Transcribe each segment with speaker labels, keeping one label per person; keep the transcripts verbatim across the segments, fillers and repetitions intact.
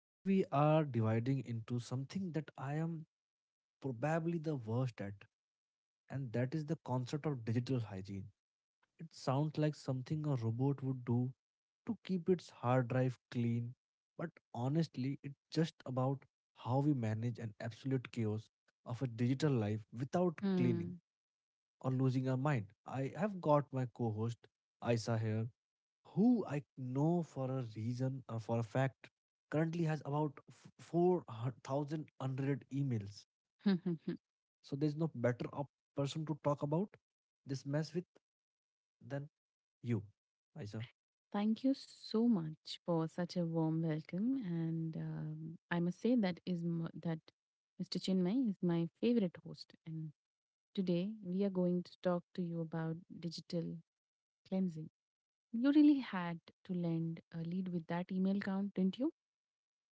Speaker 1: Today we are dividing into something that I am probably the worst at, and that is the concept of digital hygiene. It sounds like something a robot would do to keep its hard drive clean, but honestly, it's just about how we manage an absolute chaos of a digital life without cleaning
Speaker 2: Hmm.
Speaker 1: or losing our mind. I have got my co host, Aisa, here who I know for a reason or for a fact currently has about f- four thousand unread emails. So there's no better op- person to talk about this mess with than you, Aisa.
Speaker 2: Thank you so much for such a warm welcome, and um, I must say that is m- that mister Chinmay is my favorite host, and today we are going to talk to you about digital cleansing. You really had to lend a lead with that email count, didn't you?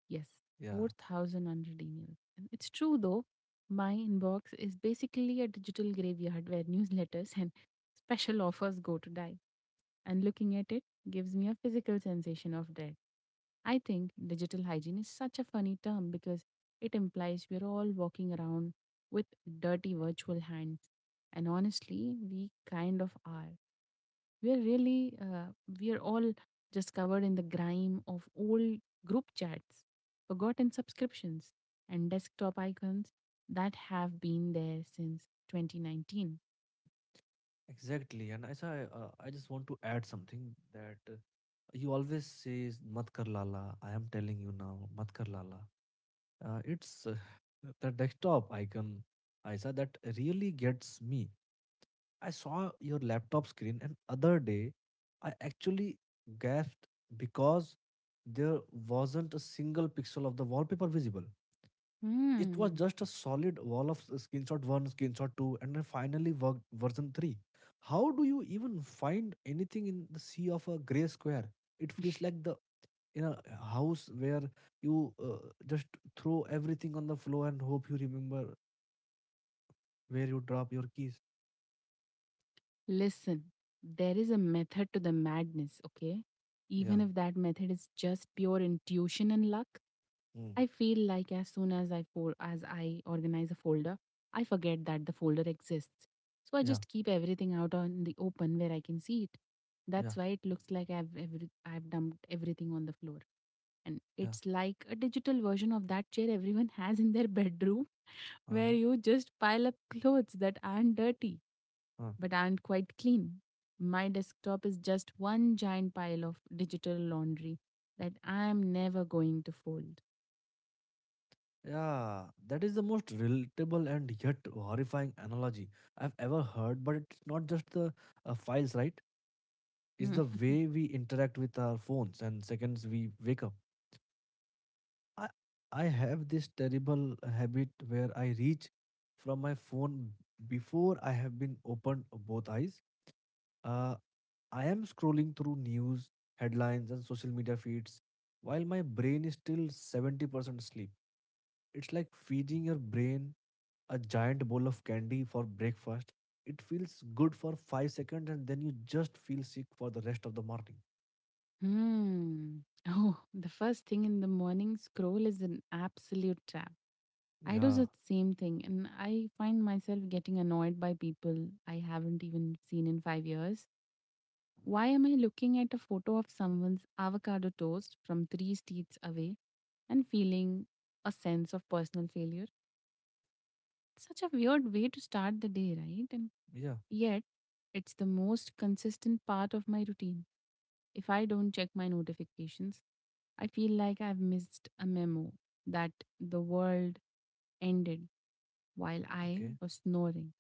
Speaker 2: Yes,
Speaker 1: Yeah,
Speaker 2: four thousand hundred emails, and it's true though. My inbox is basically a digital graveyard where newsletters and special offers go to die. And looking at it gives me a physical sensation of dread. I think digital hygiene is such a funny term because it implies we're all walking around with dirty virtual hands. And honestly, we kind of are. We're really, uh, we're all just covered in the grime of old group chats, forgotten subscriptions, and desktop icons that have been there since twenty nineteen.
Speaker 1: exactly. And Aisa, I, uh, I just want to add something that uh, He always says, "Mat kar lala." I am telling you now, "Mat kar lala." Uh, it's uh, the desktop icon, Aisa, that really gets me. I saw your laptop screen and other day I actually gasped because there wasn't a single pixel of the wallpaper visible. It was
Speaker 2: Hmm.
Speaker 1: just a solid wall of s- screenshot one, screenshot two, and then finally worked version three. How do you even find anything in the sea of a gray square? It feels like the in a uh, house where you uh, just throw everything on the floor and hope you remember where you drop your keys.
Speaker 2: Listen, there is a method to the madness, okay?
Speaker 1: Yeah.
Speaker 2: Even if that method is just pure intuition and luck,
Speaker 1: Mm.
Speaker 2: I feel like as soon as I fol- as I organize a folder, I forget that the folder exists. So I
Speaker 1: Yeah.
Speaker 2: just keep everything out on the open where I can see it.
Speaker 1: Yeah.
Speaker 2: That's why it looks like I've every- I've dumped everything on the floor. And
Speaker 1: Yeah.
Speaker 2: it's like a digital version of that chair everyone has in their bedroom where
Speaker 1: All
Speaker 2: you just pile up clothes that aren't dirty
Speaker 1: right.
Speaker 2: but aren't quite clean. My desktop is just one giant pile of digital laundry that I'm never going to fold.
Speaker 1: Yeah, that is the most relatable and yet horrifying analogy I've ever heard. But it's not just the uh, files, right? It's
Speaker 2: Hmm.
Speaker 1: the way we interact with our phones and seconds we wake up. I I have this terrible habit where I reach from my phone before I have been opened both eyes. Uh, I am scrolling through news, headlines, and social media feeds while my brain is still seventy percent asleep. It's like feeding your brain a giant bowl of candy for breakfast. It feels good for five seconds and then you just feel sick for the rest of the morning.
Speaker 2: Hmm. Oh, the first thing in the morning scroll is an absolute trap. I do
Speaker 1: Yeah,
Speaker 2: the same thing, and I find myself getting annoyed by people I haven't even seen in five years. Why am I looking at a photo of someone's avocado toast from three streets away and feeling a sense of personal failure? Such a weird way to start the day, right? And
Speaker 1: yeah,
Speaker 2: yet, it's the most consistent part of my routine. If I don't check my notifications, I feel like I've missed a memo that the world ended while I
Speaker 1: okay.
Speaker 2: was snoring.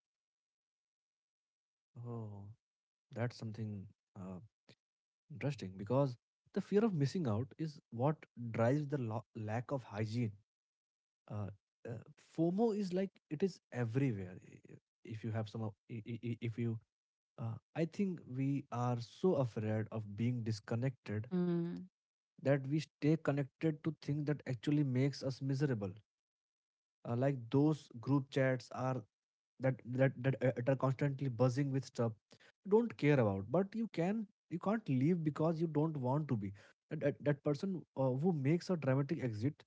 Speaker 1: Oh. That's something uh, interesting because the fear of missing out is what drives the lo- lack of hygiene. Uh, uh, FOMO is like it is everywhere. I- I- If you have some, of- I- I- I- if you, uh, I think we are so afraid of being disconnected
Speaker 2: Hmm.
Speaker 1: that we stay connected to things that actually makes us miserable. Uh, like those group chats are that that that uh, that are constantly buzzing with stuff you don't care about but you can you can't leave because you don't want to be that, that, that person uh, who makes a dramatic exit,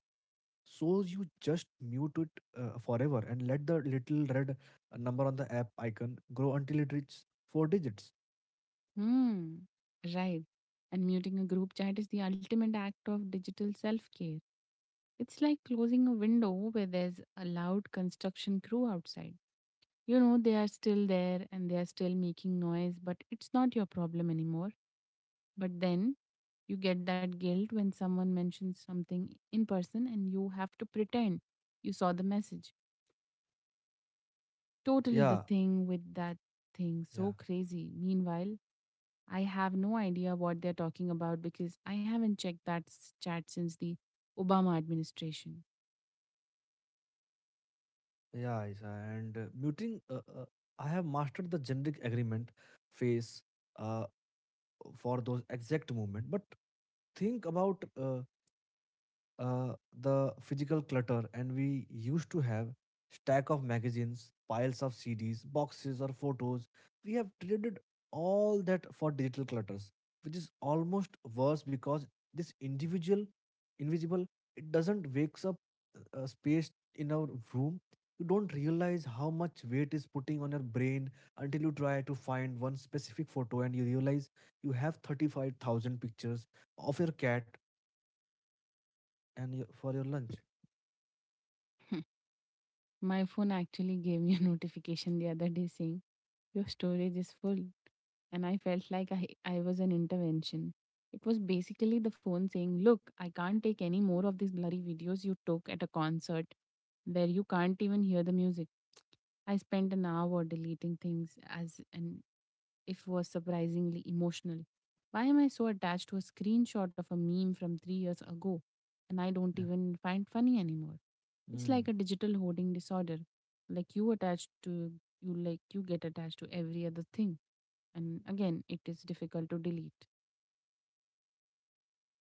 Speaker 1: so you just mute it uh, forever and let the little red uh, number on the app icon grow until it reaches four digits.
Speaker 2: Hmm. Right. And muting a group chat is the ultimate act of digital self care. It's like closing a window where there's a loud construction crew outside. You know, they are still there and they are still making noise, but it's not your problem anymore. But then you get that guilt when someone mentions something in person and you have to pretend you saw the message. Totally the
Speaker 1: Yeah,
Speaker 2: thing with that thing.
Speaker 1: yeah,
Speaker 2: So crazy. Meanwhile, I have no idea what they're talking about because I haven't checked that s- chat since the Obama administration.
Speaker 1: yeah, Isa. And uh, muting uh, uh, I have mastered the generic agreement phase Uh, for those exact moment. But think about uh, uh, the physical clutter. And we used to have stack of magazines, piles of cds, boxes or photos. We have traded all that for digital clutters, which is almost worse because this individual invisible, it doesn't wakes up uh, space in our room. You don't realize how much weight is putting on your brain until you try to find one specific photo and you realize you have thirty-five thousand pictures of your cat and your, for your lunch.
Speaker 2: My phone actually gave me a notification the other day saying, "Your storage is full." And I felt like I, I was an intervention. It was basically the phone saying, "Look, I can't take any more of these bloody videos you took at a concert where you can't even hear the music." I spent an hour deleting things as an if was surprisingly emotional. Why am I so attached to a screenshot of a meme from three years ago and I don't
Speaker 1: Yeah.
Speaker 2: even find funny anymore? It's like
Speaker 1: Mm,
Speaker 2: a digital hoarding disorder. Like you attached to you like you get attached to every other thing. And again, it is difficult to delete.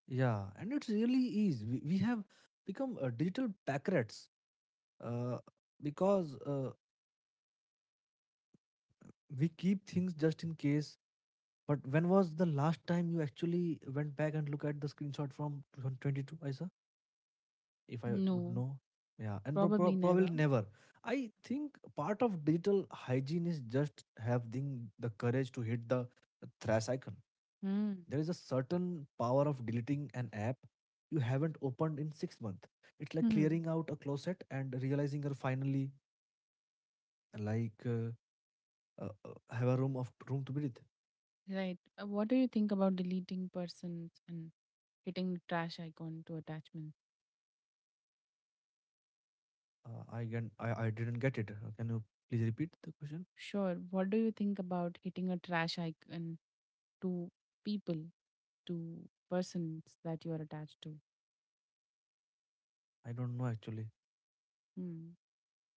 Speaker 1: yeah, and it really is. We, we have become uh, digital pack rats uh, because uh, we keep things just in case. But when was the last time you actually went back and look at the screenshot from two thousand twenty-two, Isa? If I would
Speaker 2: No,
Speaker 1: know. Yeah, and pro- pro-
Speaker 2: probably never.
Speaker 1: probably never. I think part of digital hygiene is just having the courage to hit the thrash icon.
Speaker 2: Hmm.
Speaker 1: There is a certain power of deleting an app you haven't opened in six months. It's like
Speaker 2: Hmm.
Speaker 1: clearing out a closet and realizing you're finally like uh, uh, uh, have a room of room to breathe.
Speaker 2: Right. Uh, what do you think about deleting persons and hitting the trash icon to attachment?
Speaker 1: Uh, I can I, I didn't get it. Uh, Can you please repeat the question?
Speaker 2: Sure. What do you think about hitting a trash icon to people, to persons that you are attached to.
Speaker 1: I don't know actually.
Speaker 2: Hmm.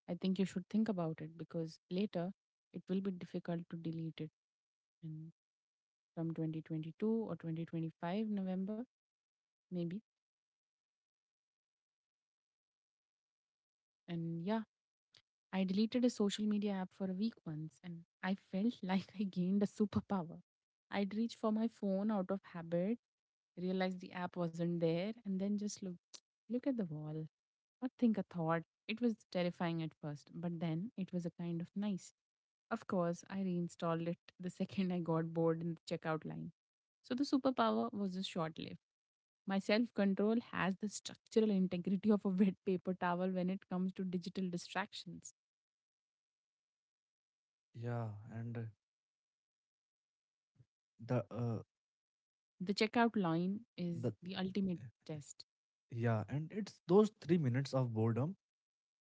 Speaker 2: I think you should think about it because later it will be difficult to delete it in from twenty twenty-two or twenty twenty-five November, maybe. And yeah, I deleted a social media app for a week once and I felt like I gained a superpower. I'd reach for my phone out of habit, realize the app wasn't there, and then just look look at the wall or think a thought. It was terrifying at first, but then it was a kind of nice. Of course, I reinstalled it the second I got bored in the checkout line. So the superpower was just short lived. My self control has the structural integrity of a wet paper towel when it comes to digital distractions.
Speaker 1: Yeah, and uh, the uh,
Speaker 2: The checkout line
Speaker 1: the
Speaker 2: is the ultimate test.
Speaker 1: yeah, and it's those three minutes of boredom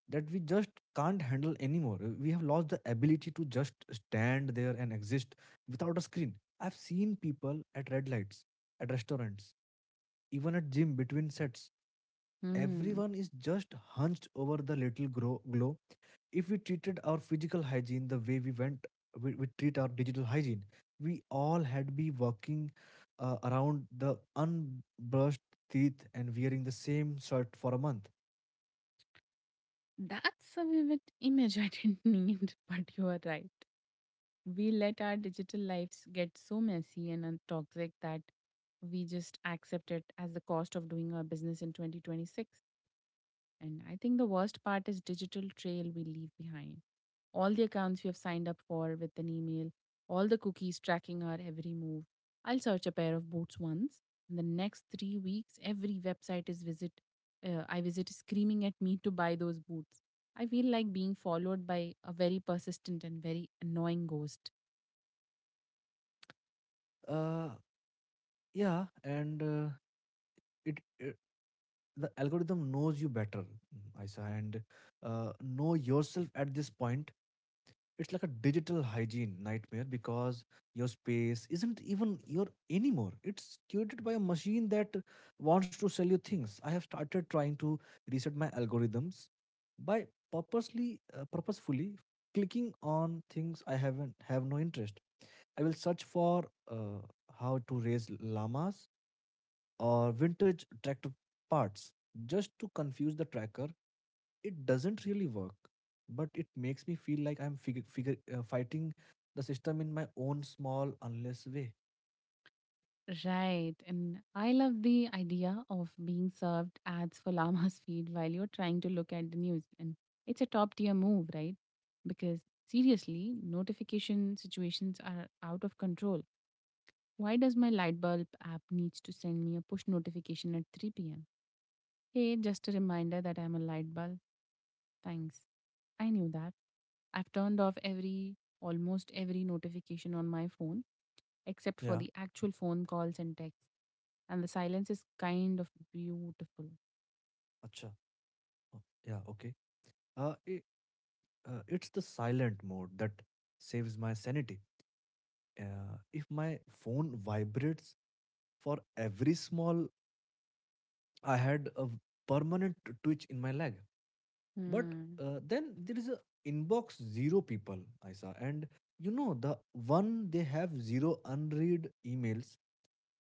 Speaker 1: that we just can't handle anymore. We have lost the ability to just stand there and exist without a screen. I've seen people at red lights, at restaurants, even at gym between sets.
Speaker 2: Hmm.
Speaker 1: Everyone is just hunched over the little grow- glow. If we treated our physical hygiene the way we went, we, we treat our digital hygiene. We all had be walking uh, around the unbrushed teeth and wearing the same shirt for a month.
Speaker 2: That's a vivid image I didn't need, but you are right. We let our digital lives get so messy and un- toxic that we just accept it as the cost of doing our business in twenty twenty-six. And I think the worst part is digital trail we leave behind. All the accounts we have signed up for with an email, all the cookies tracking our every move. I'll search a pair of boots once, and the next three weeks, every website is visit. Uh, I visit is screaming at me to buy those boots. I feel like being followed by a very persistent and very annoying ghost.
Speaker 1: Uh, yeah, and uh, it, it The algorithm knows you better, Isa, and uh, know yourself at this point. It's like a digital hygiene nightmare because your space isn't even your anymore. It's curated by a machine that wants to sell you things. I have started trying to reset my algorithms by purposely uh, purposefully clicking on things i haven't have no interest. I will search for uh, how to raise llamas or vintage tractor parts just to confuse the tracker. It doesn't really work, but it makes me feel like I'm figure, figure uh, fighting the system in my own small, unless way.
Speaker 2: Right. And I love the idea of being served ads for llama's feed while you're trying to look at the news. And it's a top tier move, right? Because seriously, notification situations are out of control. Why does my light bulb app needs to send me a push notification at three p m? Hey, just a reminder that I'm a light bulb. Thanks. I knew that. I've turned off every, almost every notification on my phone, except for
Speaker 1: Yeah.
Speaker 2: the actual phone calls and texts. And the silence is kind of beautiful.
Speaker 1: Acha. Oh, yeah. Okay. Uh, it, uh, it's the silent mode that saves my sanity. Uh, if my phone vibrates for every small, I had a permanent twitch in my leg. But
Speaker 2: Hmm.
Speaker 1: uh, then there is a inbox zero people I and you know the one they have zero unread emails,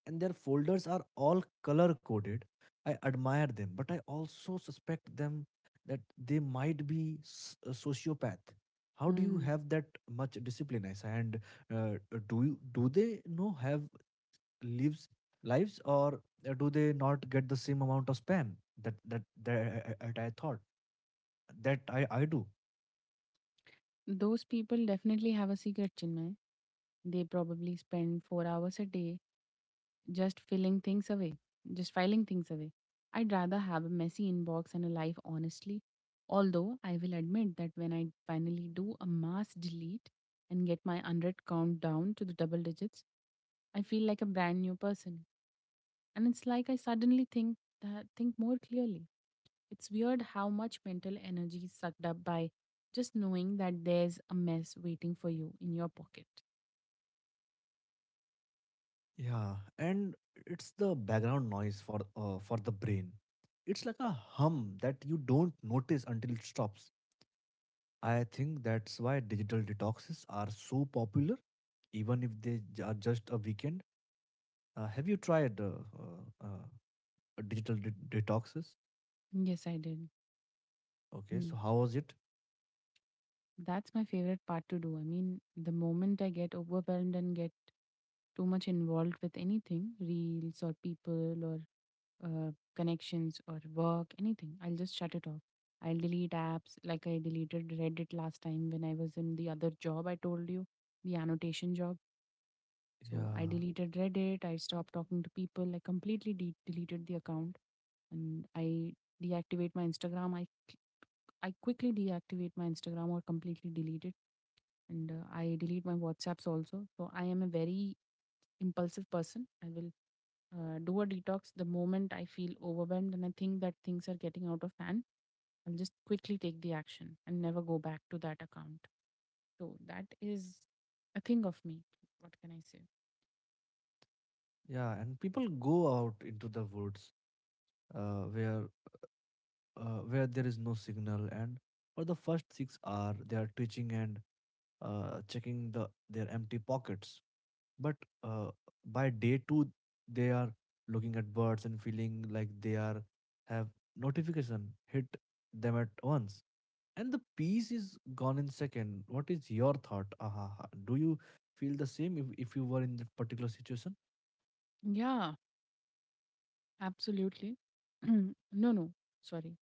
Speaker 1: and their folders are all color coded. I admire them, but I also suspect them that they might be s- a sociopath. How do you
Speaker 2: Hmm.
Speaker 1: have that much discipline, Isa? And uh, do you do they know have lives lives? Or uh, do they not get the same amount of spam that that that, I I- I- I thought that I I do?
Speaker 2: Those people definitely have a secret, Chinmay. They probably spend four hours a day just filling things away, just filing things away. I'd rather have a messy inbox and a life honestly. Although I will admit that when I finally do a mass delete and get my unread count down to the double digits, I feel like a brand new person. And it's like I suddenly think that think more clearly. It's weird how much mental energy is sucked up by just knowing that there's a mess waiting for you in your pocket.
Speaker 1: Yeah, and it's the background noise for uh, for the brain. It's like a hum that you don't notice until it stops. I think that's why digital detoxes are so popular, even if they j- are just a weekend. Uh, have you tried uh, uh, uh, digital de- detoxes?
Speaker 2: Yes, I did.
Speaker 1: Okay,
Speaker 2: Hmm.
Speaker 1: so how was it?
Speaker 2: That's my favorite part to do. I mean, the moment I get overwhelmed and get too much involved with anything, reels or people or uh, connections or work, anything, I'll just shut it off. I'll delete apps like I deleted Reddit last time when I was in the other job I told you, the annotation job. So I
Speaker 1: Yeah,
Speaker 2: deleted Reddit, I stopped talking to people, I completely de- deleted the account and I deactivate my Instagram. I, cl- I quickly deactivate my Instagram or completely delete it and uh, I delete my WhatsApps also. So I am a very impulsive person. I will uh, do a detox the moment I feel overwhelmed and I think that things are getting out of hand. I'll just quickly take the action and never go back to that account. So that is a thing of me. What can I say?
Speaker 1: yeah, and people go out into the woods uh, where uh, where there is no signal, and for the first six hours they are twitching and uh, checking the their empty pockets. But uh, by day two, they are looking at birds and feeling like they are have notification hit them at once, and the peace is gone in second. What is your thought? Aha, ha. Do you feel the same if if you were in that particular situation?
Speaker 2: Yeah, absolutely. no, no, sorry.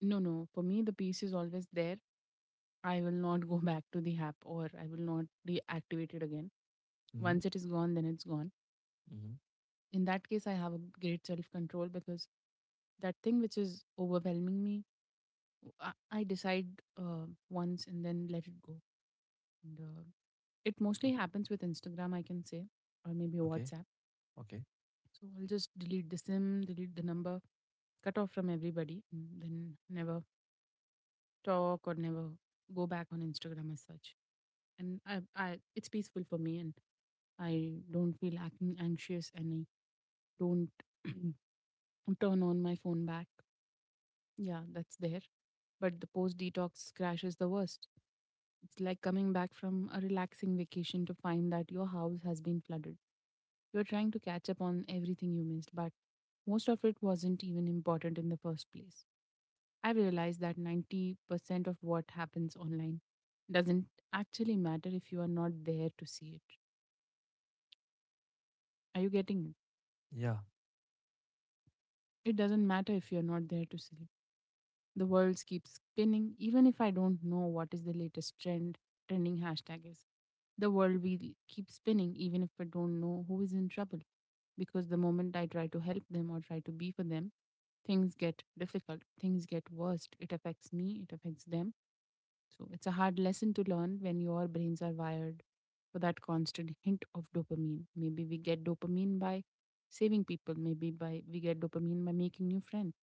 Speaker 2: No, no. For me, the peace is always there. I will not go back to the app or I will not deactivate it again.
Speaker 1: Mm-hmm.
Speaker 2: Once it is gone, then it's gone.
Speaker 1: Mm-hmm.
Speaker 2: In that case I have a great self control because that thing which is overwhelming me, i, I decide uh, once and then let it go, and uh, it mostly happens with Instagram I can say, or maybe
Speaker 1: Okay.
Speaker 2: WhatsApp.
Speaker 1: Okay.
Speaker 2: So I'll just delete the sim, delete the number, cut off from everybody, and then never talk or never go back on Instagram as such. And I, I it's peaceful for me and I don't feel ac- anxious and I don't turn on my phone back. Yeah, that's there. But the post detox crash is the worst. It's like coming back from a relaxing vacation to find that your house has been flooded. You're trying to catch up on everything you missed, but most of it wasn't even important in the first place. I realized that ninety percent of what happens online doesn't actually matter if you are not there to see it. Are you getting it?
Speaker 1: Yeah.
Speaker 2: It doesn't matter if you're not there to see it. The world keeps spinning, even if I don't know what is the latest trend trending hashtag is. The world will keep spinning, even if I don't know who is in trouble. Because the moment I try to help them or try to be for them, things get difficult, things get worse. It affects me, it affects them. So it's a hard lesson to learn when your brains are wired for that constant hint of dopamine. Maybe we get dopamine by saving people, maybe by we get dopamine by making new friends.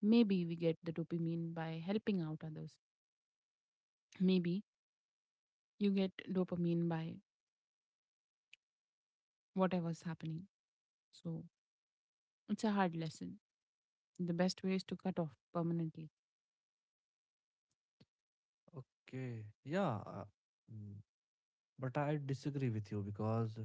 Speaker 2: Maybe we get the dopamine by helping out others. Maybe you get dopamine by whatever's happening. So it's a hard lesson. The best way is to cut off permanently.
Speaker 1: Okay. Yeah. uh, mm, But I disagree with you because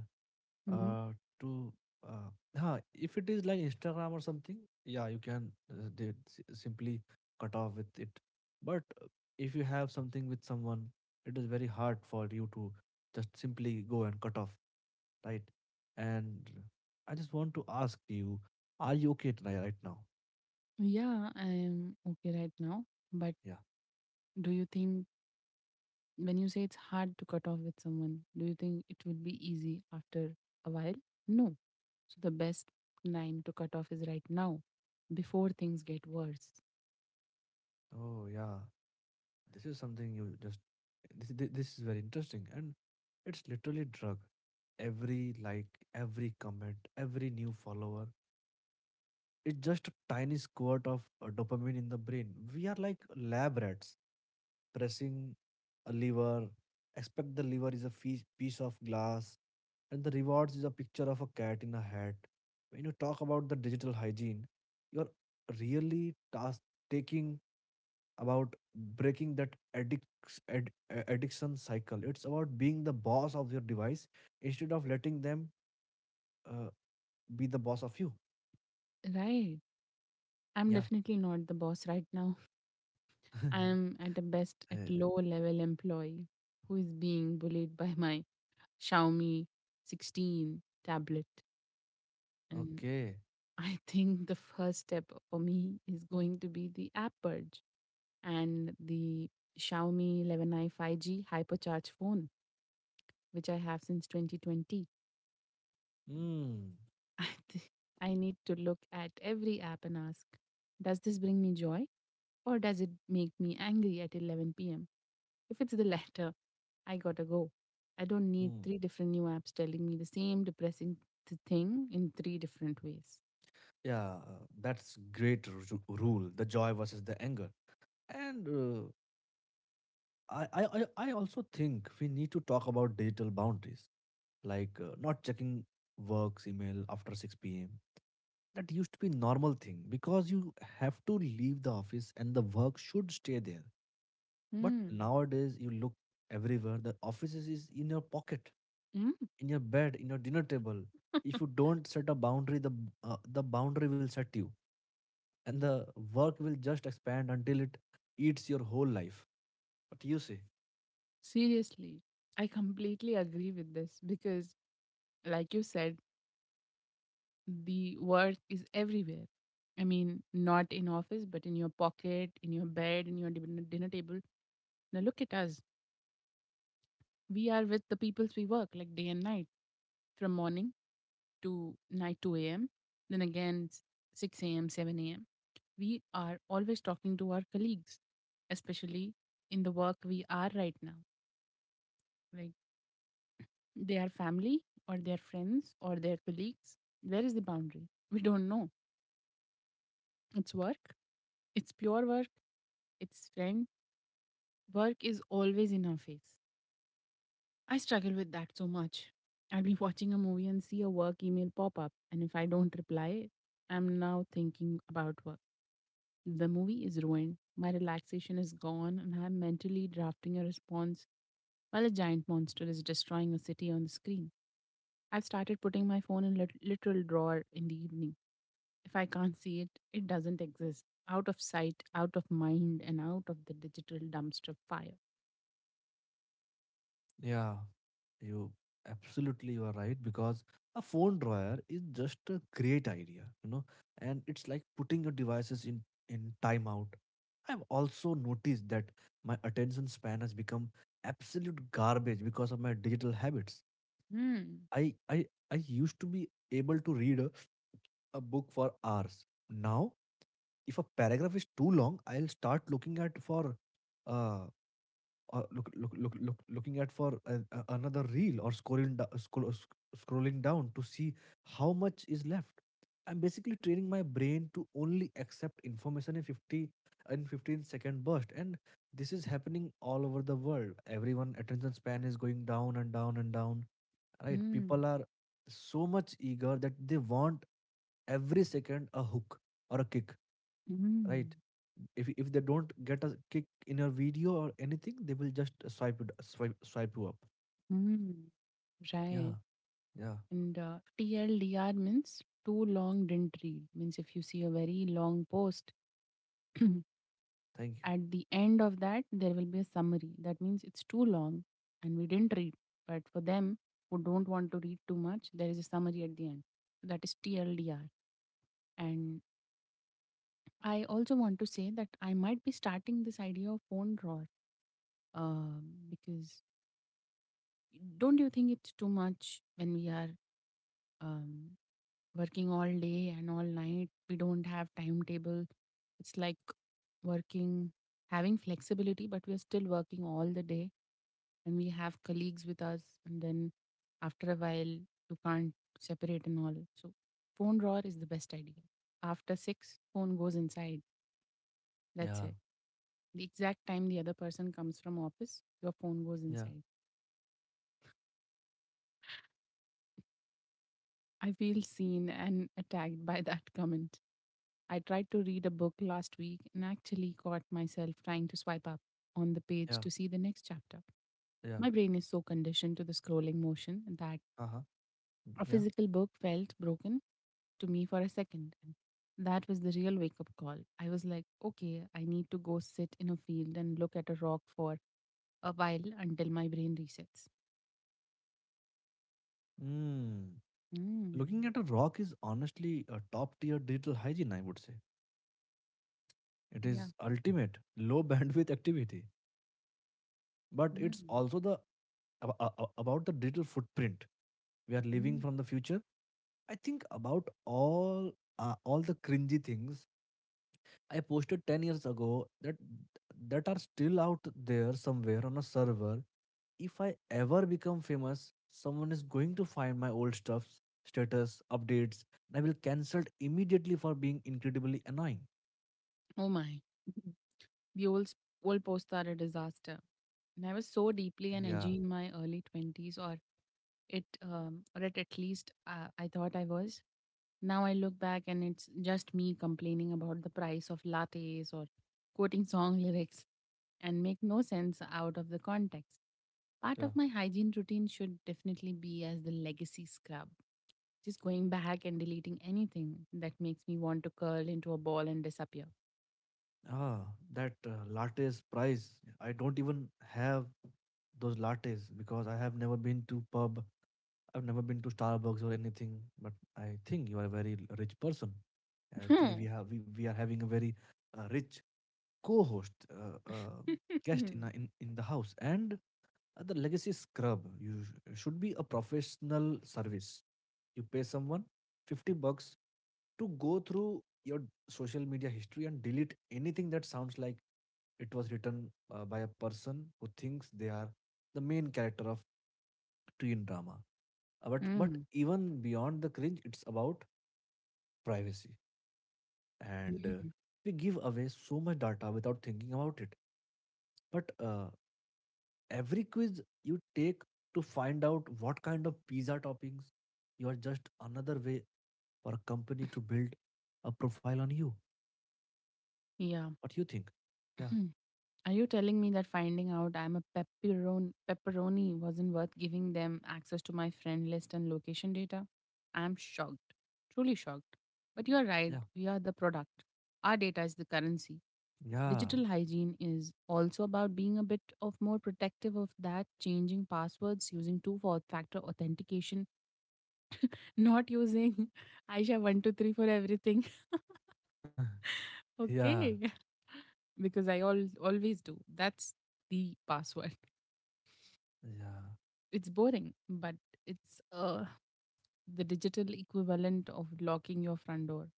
Speaker 2: hmm
Speaker 1: uh to uh huh, if it is like Instagram or something, yeah, you can uh, they s- simply cut off with it. But uh, if you have something with someone, it is very hard for you to just simply go and cut off, right? And I just want to ask you, are you okay tonight right now?
Speaker 2: Yeah, I'm okay right now. But
Speaker 1: Yeah.
Speaker 2: do you think, when you say it's hard to cut off with someone, do you think it will be easy after a while? No. So the best time to cut off is right now, before things get worse.
Speaker 1: Oh yeah. This is something you just this this this is very interesting and it's literally drug. Every like every comment, every new follower, it's just a tiny squirt of uh, dopamine in the brain. We are like lab rats pressing a lever, expect the lever is a fee- piece of glass, and the rewards is a picture of a cat in a hat. When you talk about the digital hygiene, you're really task taking about breaking that addic ad, a- addiction cycle. It's about being the boss of your device instead of letting them uh, be the boss of you.
Speaker 2: Right. I'm
Speaker 1: Yeah.
Speaker 2: definitely not the boss right now. I am
Speaker 1: Eh,
Speaker 2: at the best at low level employee who is being bullied by my Xiaomi sixteen tablet. And
Speaker 1: okay.
Speaker 2: I think the first step for me is going to be the app purge and the Xiaomi eleven i five G hypercharge phone, which I have since twenty twenty.
Speaker 1: Mm,
Speaker 2: I thi- I need to look at every app and ask, does this bring me joy or does it make me angry at eleven p m? If it's the latter, I gotta go. I don't need
Speaker 1: mm.
Speaker 2: three different new apps telling me the same depressing th- thing in three different ways.
Speaker 1: Yeah, uh, that's great ru- rule. The joy versus the anger. And uh, I, I, I I also think we need to talk about digital boundaries, like uh, not checking works email after six p m. That used to be normal thing because you have to leave the office and the work should stay there. But
Speaker 2: Hmm.
Speaker 1: nowadays you look everywhere. The offices is in your pocket,
Speaker 2: Mm.
Speaker 1: in your bed, in your dinner table. If you don't set a boundary, the b- uh, the boundary will set you, and the work will just expand until it eats your whole life. What do you say?
Speaker 2: Seriously, I completely agree with this because, like you said, the work is everywhere. I mean, not in office, but in your pocket, in your bed, in your din- dinner table. Now look at us. We are with the peoples we work like day and night, from morning to night two a m, then again s- six a m, seven a m. We are always talking to our colleagues, especially in the work we are right now. Like, they are family or their friends or their colleagues. Where is the boundary? We don't know. It's work, it's pure work, it's friend. Work is always in our face. I struggle with that so much. I'll be watching a movie and see a work email pop up, and if I don't reply, I'm now thinking about work. The movie is ruined, my relaxation is gone, and I'm mentally drafting a response while a giant monster is destroying a city on the screen. I've started putting my phone in lit- literal drawer in the evening. If I can't see it, it doesn't exist. Out of sight, out of mind, and out of the digital dumpster fire.
Speaker 1: Yeah. you absolutely you are right because a phone drawer is just a great idea you know And it's like putting your devices in in timeout. I've also noticed that my attention span has become absolute garbage because of my digital habits.
Speaker 2: Hmm.
Speaker 1: I i i used to be able to read a, a book for hours. Now if a paragraph is too long, I'll start looking at for uh uh, look, look, look, look, looking at for a, a- another reel or scrolling, do- scroll, uh, sc- scrolling down to see how much is left. I'm basically training my brain to only accept information in fifty in fifteen second burst, and this is happening all over the world. Everyone attention span is going down and down and down. Right?
Speaker 2: Hmm.
Speaker 1: People are so much eager that they want every second a hook or a kick.
Speaker 2: Hmm.
Speaker 1: Right? if if they don't get a kick in a video or anything, they will just swipe it, swipe swipe you up.
Speaker 2: Hmm.
Speaker 1: Yeah,
Speaker 2: Right.
Speaker 1: yeah.
Speaker 2: And uh, T L D R means too long didn't read. Means if you see a very long post,
Speaker 1: Thank you.
Speaker 2: at the end of that, there will be a summary. That means it's too long and we didn't read. But for them who don't want to read too much, there is a summary at the end. So that is T L D R. And I also want to say that I might be starting this idea of phone drawer, uh, because don't you think it's too much when we are um, working all day and all night. We don't have timetable. It's like working, having flexibility, but we are still working all the day and we have colleagues with us. And then, after a while, you can't separate and all. So, phone drawer is the best idea. After six, phone goes inside. That's
Speaker 1: Yeah,
Speaker 2: it. The exact time the other person comes from office, your phone goes
Speaker 1: yeah,
Speaker 2: inside. I feel seen and attacked by that comment. I tried to read a book last week and actually caught myself trying to swipe up on the page
Speaker 1: yeah,
Speaker 2: to see the next chapter.
Speaker 1: yeah.
Speaker 2: My brain is so conditioned to the scrolling motion that
Speaker 1: Uh huh.
Speaker 2: a
Speaker 1: Yeah.
Speaker 2: physical book felt broken to me for a second. And that was the real wake up call. I was like, okay, I need to go sit in a field and look at a rock for a while until my brain resets.
Speaker 1: Mm. Looking
Speaker 2: Mm.
Speaker 1: at a rock is honestly a top tier digital hygiene. I would say it
Speaker 2: Yeah.
Speaker 1: is ultimate low bandwidth activity, but it's
Speaker 2: Mm.
Speaker 1: also the ab- a- a- about the digital footprint we are living
Speaker 2: Mm.
Speaker 1: from the future. I think about all uh, all the cringy things I posted ten years ago that that are still out there somewhere on a server. If I ever become famous, someone is going to find my old stuff, status, updates, and I will cancelled immediately for being incredibly annoying.
Speaker 2: Oh my. Buell's goalposts are a disaster. And I was so deeply an
Speaker 1: Yeah,
Speaker 2: edgy in my early twenties, or it, um, or it at least uh, I thought I was. Now I look back and it's just me complaining about the price of lattes or quoting song lyrics and make no sense out of the context. Part
Speaker 1: yeah.
Speaker 2: of my hygiene routine should definitely be as the legacy scrub, just going back and deleting anything that makes me want to curl into a ball and disappear.
Speaker 1: Ah, that uh, lattes price. I don't even have those lattes because I have never been to pub I've never been to Starbucks or anything, but I think you are a very l- rich person. Actually, we have we, we are having a very uh, rich co-host uh, uh, guest in, our- in in the house, and uh, the legacy scrub. You sh- should be a professional service. You pay someone fifty bucks to go through your social media history and delete anything that sounds like it was written uh, by a person who thinks they are the main character of teen drama. Uh, but but
Speaker 2: Hmm.
Speaker 1: even beyond the cringe, it's about privacy, and uh,
Speaker 2: Mm.
Speaker 1: we give away so much data without thinking about it. But uh, Every quiz you take to find out what kind of pizza toppings you are just another way for a company to build a profile on you,
Speaker 2: Yeah.
Speaker 1: what you think. Yeah,
Speaker 2: Are you telling me that finding out I'm a pepperoni, pepperoni wasn't worth giving them access to my friend list and location data? I'm shocked. Truly shocked. But you're right.
Speaker 1: yeah,
Speaker 2: We are the product. Our data is the currency.
Speaker 1: yeah.
Speaker 2: Digital hygiene is also about being a bit of more protective of that, changing passwords, using two factor authentication, not using Aisha one two three for everything.
Speaker 1: Yeah,
Speaker 2: Okay. Because I all always do. That's the password.
Speaker 1: yeah,
Speaker 2: It's boring, but it's uh the digital equivalent of locking your front door.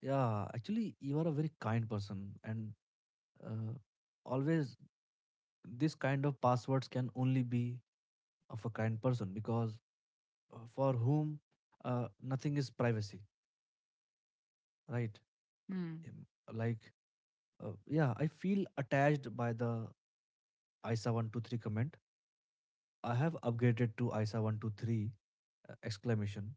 Speaker 1: yeah. Actually, you are a very kind person, and uh, always this kind of passwords can only be of a kind person, because uh, for whom uh, nothing is privacy, right?
Speaker 2: Hmm.
Speaker 1: Um, like, uh, yeah, I feel attached by the I S A one two three comment. I have upgraded to I S A one twenty-three uh, exclamation,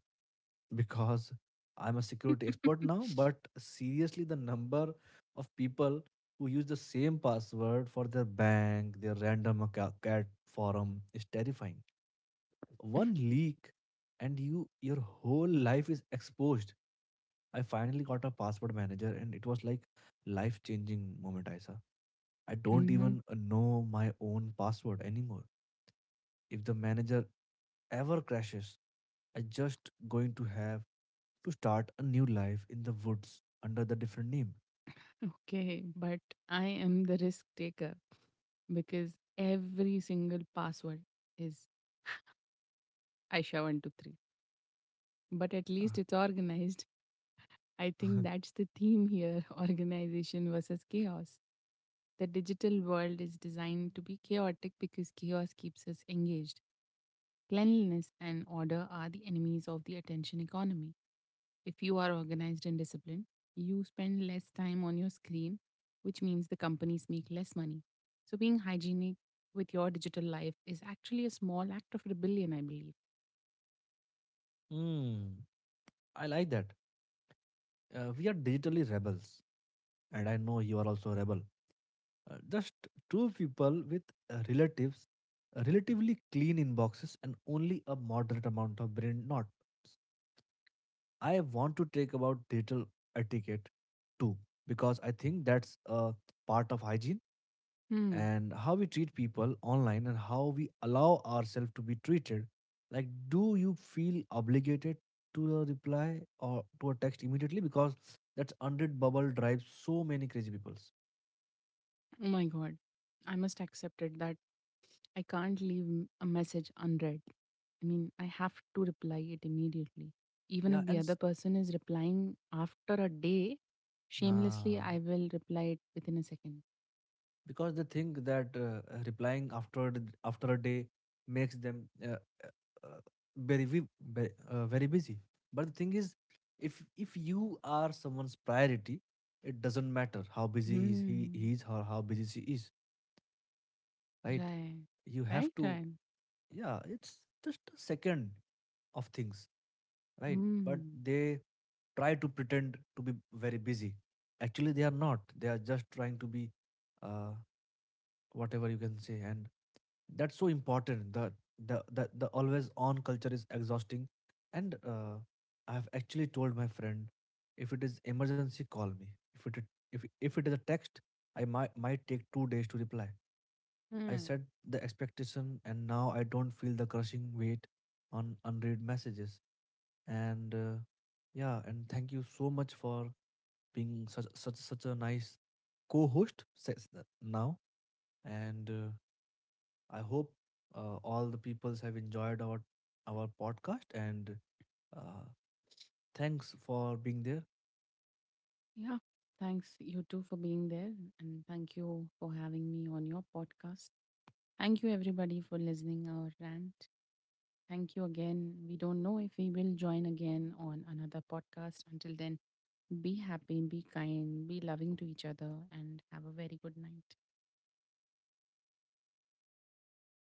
Speaker 1: because I'm a security expert now. But seriously, the number of people who use the same password for their bank, their random acca- cat forum is terrifying. One leak and you your whole life is exposed. I finally got a password manager and it was like life changing moment, isa. I don't
Speaker 2: hmm
Speaker 1: even uh, know my own password anymore. If the manager ever crashes, I just going to have to start a new life in the woods under the different name.
Speaker 2: Okay, but I am the risk taker because every single password is Aisha one two three. But at least
Speaker 1: Ah,
Speaker 2: it's organized. I think that's the theme here, organization versus chaos. The digital world is designed to be chaotic because chaos keeps us engaged. Cleanliness and order are the enemies of the attention economy. If you are organized and disciplined, you spend less time on your screen, which means the companies make less money. So, being hygienic with your digital life is actually a small act of rebellion, I believe.
Speaker 1: hmm, I like that. Uh, we are digitally rebels and I know you are also a rebel. Uh, just two people with uh, relatives, uh, relatively clean inboxes, and only a moderate amount of brain knots. I want to take about digital etiquette too, because I think that's a part of hygiene
Speaker 2: Hmm.
Speaker 1: and how we treat people online and how we allow ourselves to be treated. Like, do you feel obligated to a reply or to a text immediately? Because that's one hundred bubble drives so many crazy peoples.
Speaker 2: Oh my god. I must accept it that I can't leave m- a message unread. I mean, I have to reply it immediately. Even
Speaker 1: Yeah,
Speaker 2: if the
Speaker 1: and
Speaker 2: other
Speaker 1: s-
Speaker 2: person is replying after a day, shamelessly
Speaker 1: ah,
Speaker 2: I will reply it within a second.
Speaker 1: because they think that uh, uh, replying after th- after a day makes them uh, uh, uh, very vi- ve- uh, very busy. But the thing is, if if you are someone's priority, it doesn't matter how busy he is he,
Speaker 2: Hmm.
Speaker 1: he is or how busy she is, right?
Speaker 2: Right.
Speaker 1: You have
Speaker 2: Right,
Speaker 1: to.
Speaker 2: right.
Speaker 1: Yeah, it's just a second of things, right? But
Speaker 2: Hmm.
Speaker 1: they try to pretend to be very busy, actually they are not, they are just trying to be, uh, whatever you can say. And that's so important. The the the, the always on culture is exhausting, and uh, I have actually told my friend, if it is emergency call me. if it if, if it is a text, I might might take two days to reply. I
Speaker 2: Hmm.
Speaker 1: set the expectation and now I don't feel the crushing weight on unread messages. And uh, Yeah, and thank you so much for being such such such a nice co-host says that now, and uh, I hope uh, all the peoples have enjoyed our our podcast, and uh, thanks for being there.
Speaker 2: Yeah. Thanks you too for being there, and thank you for having me on your podcast. Thank you everybody for listening our rant. Thank you again. We don't know if we will join again on another podcast. Until then, be happy, be kind, be loving to each other, and have a very good night.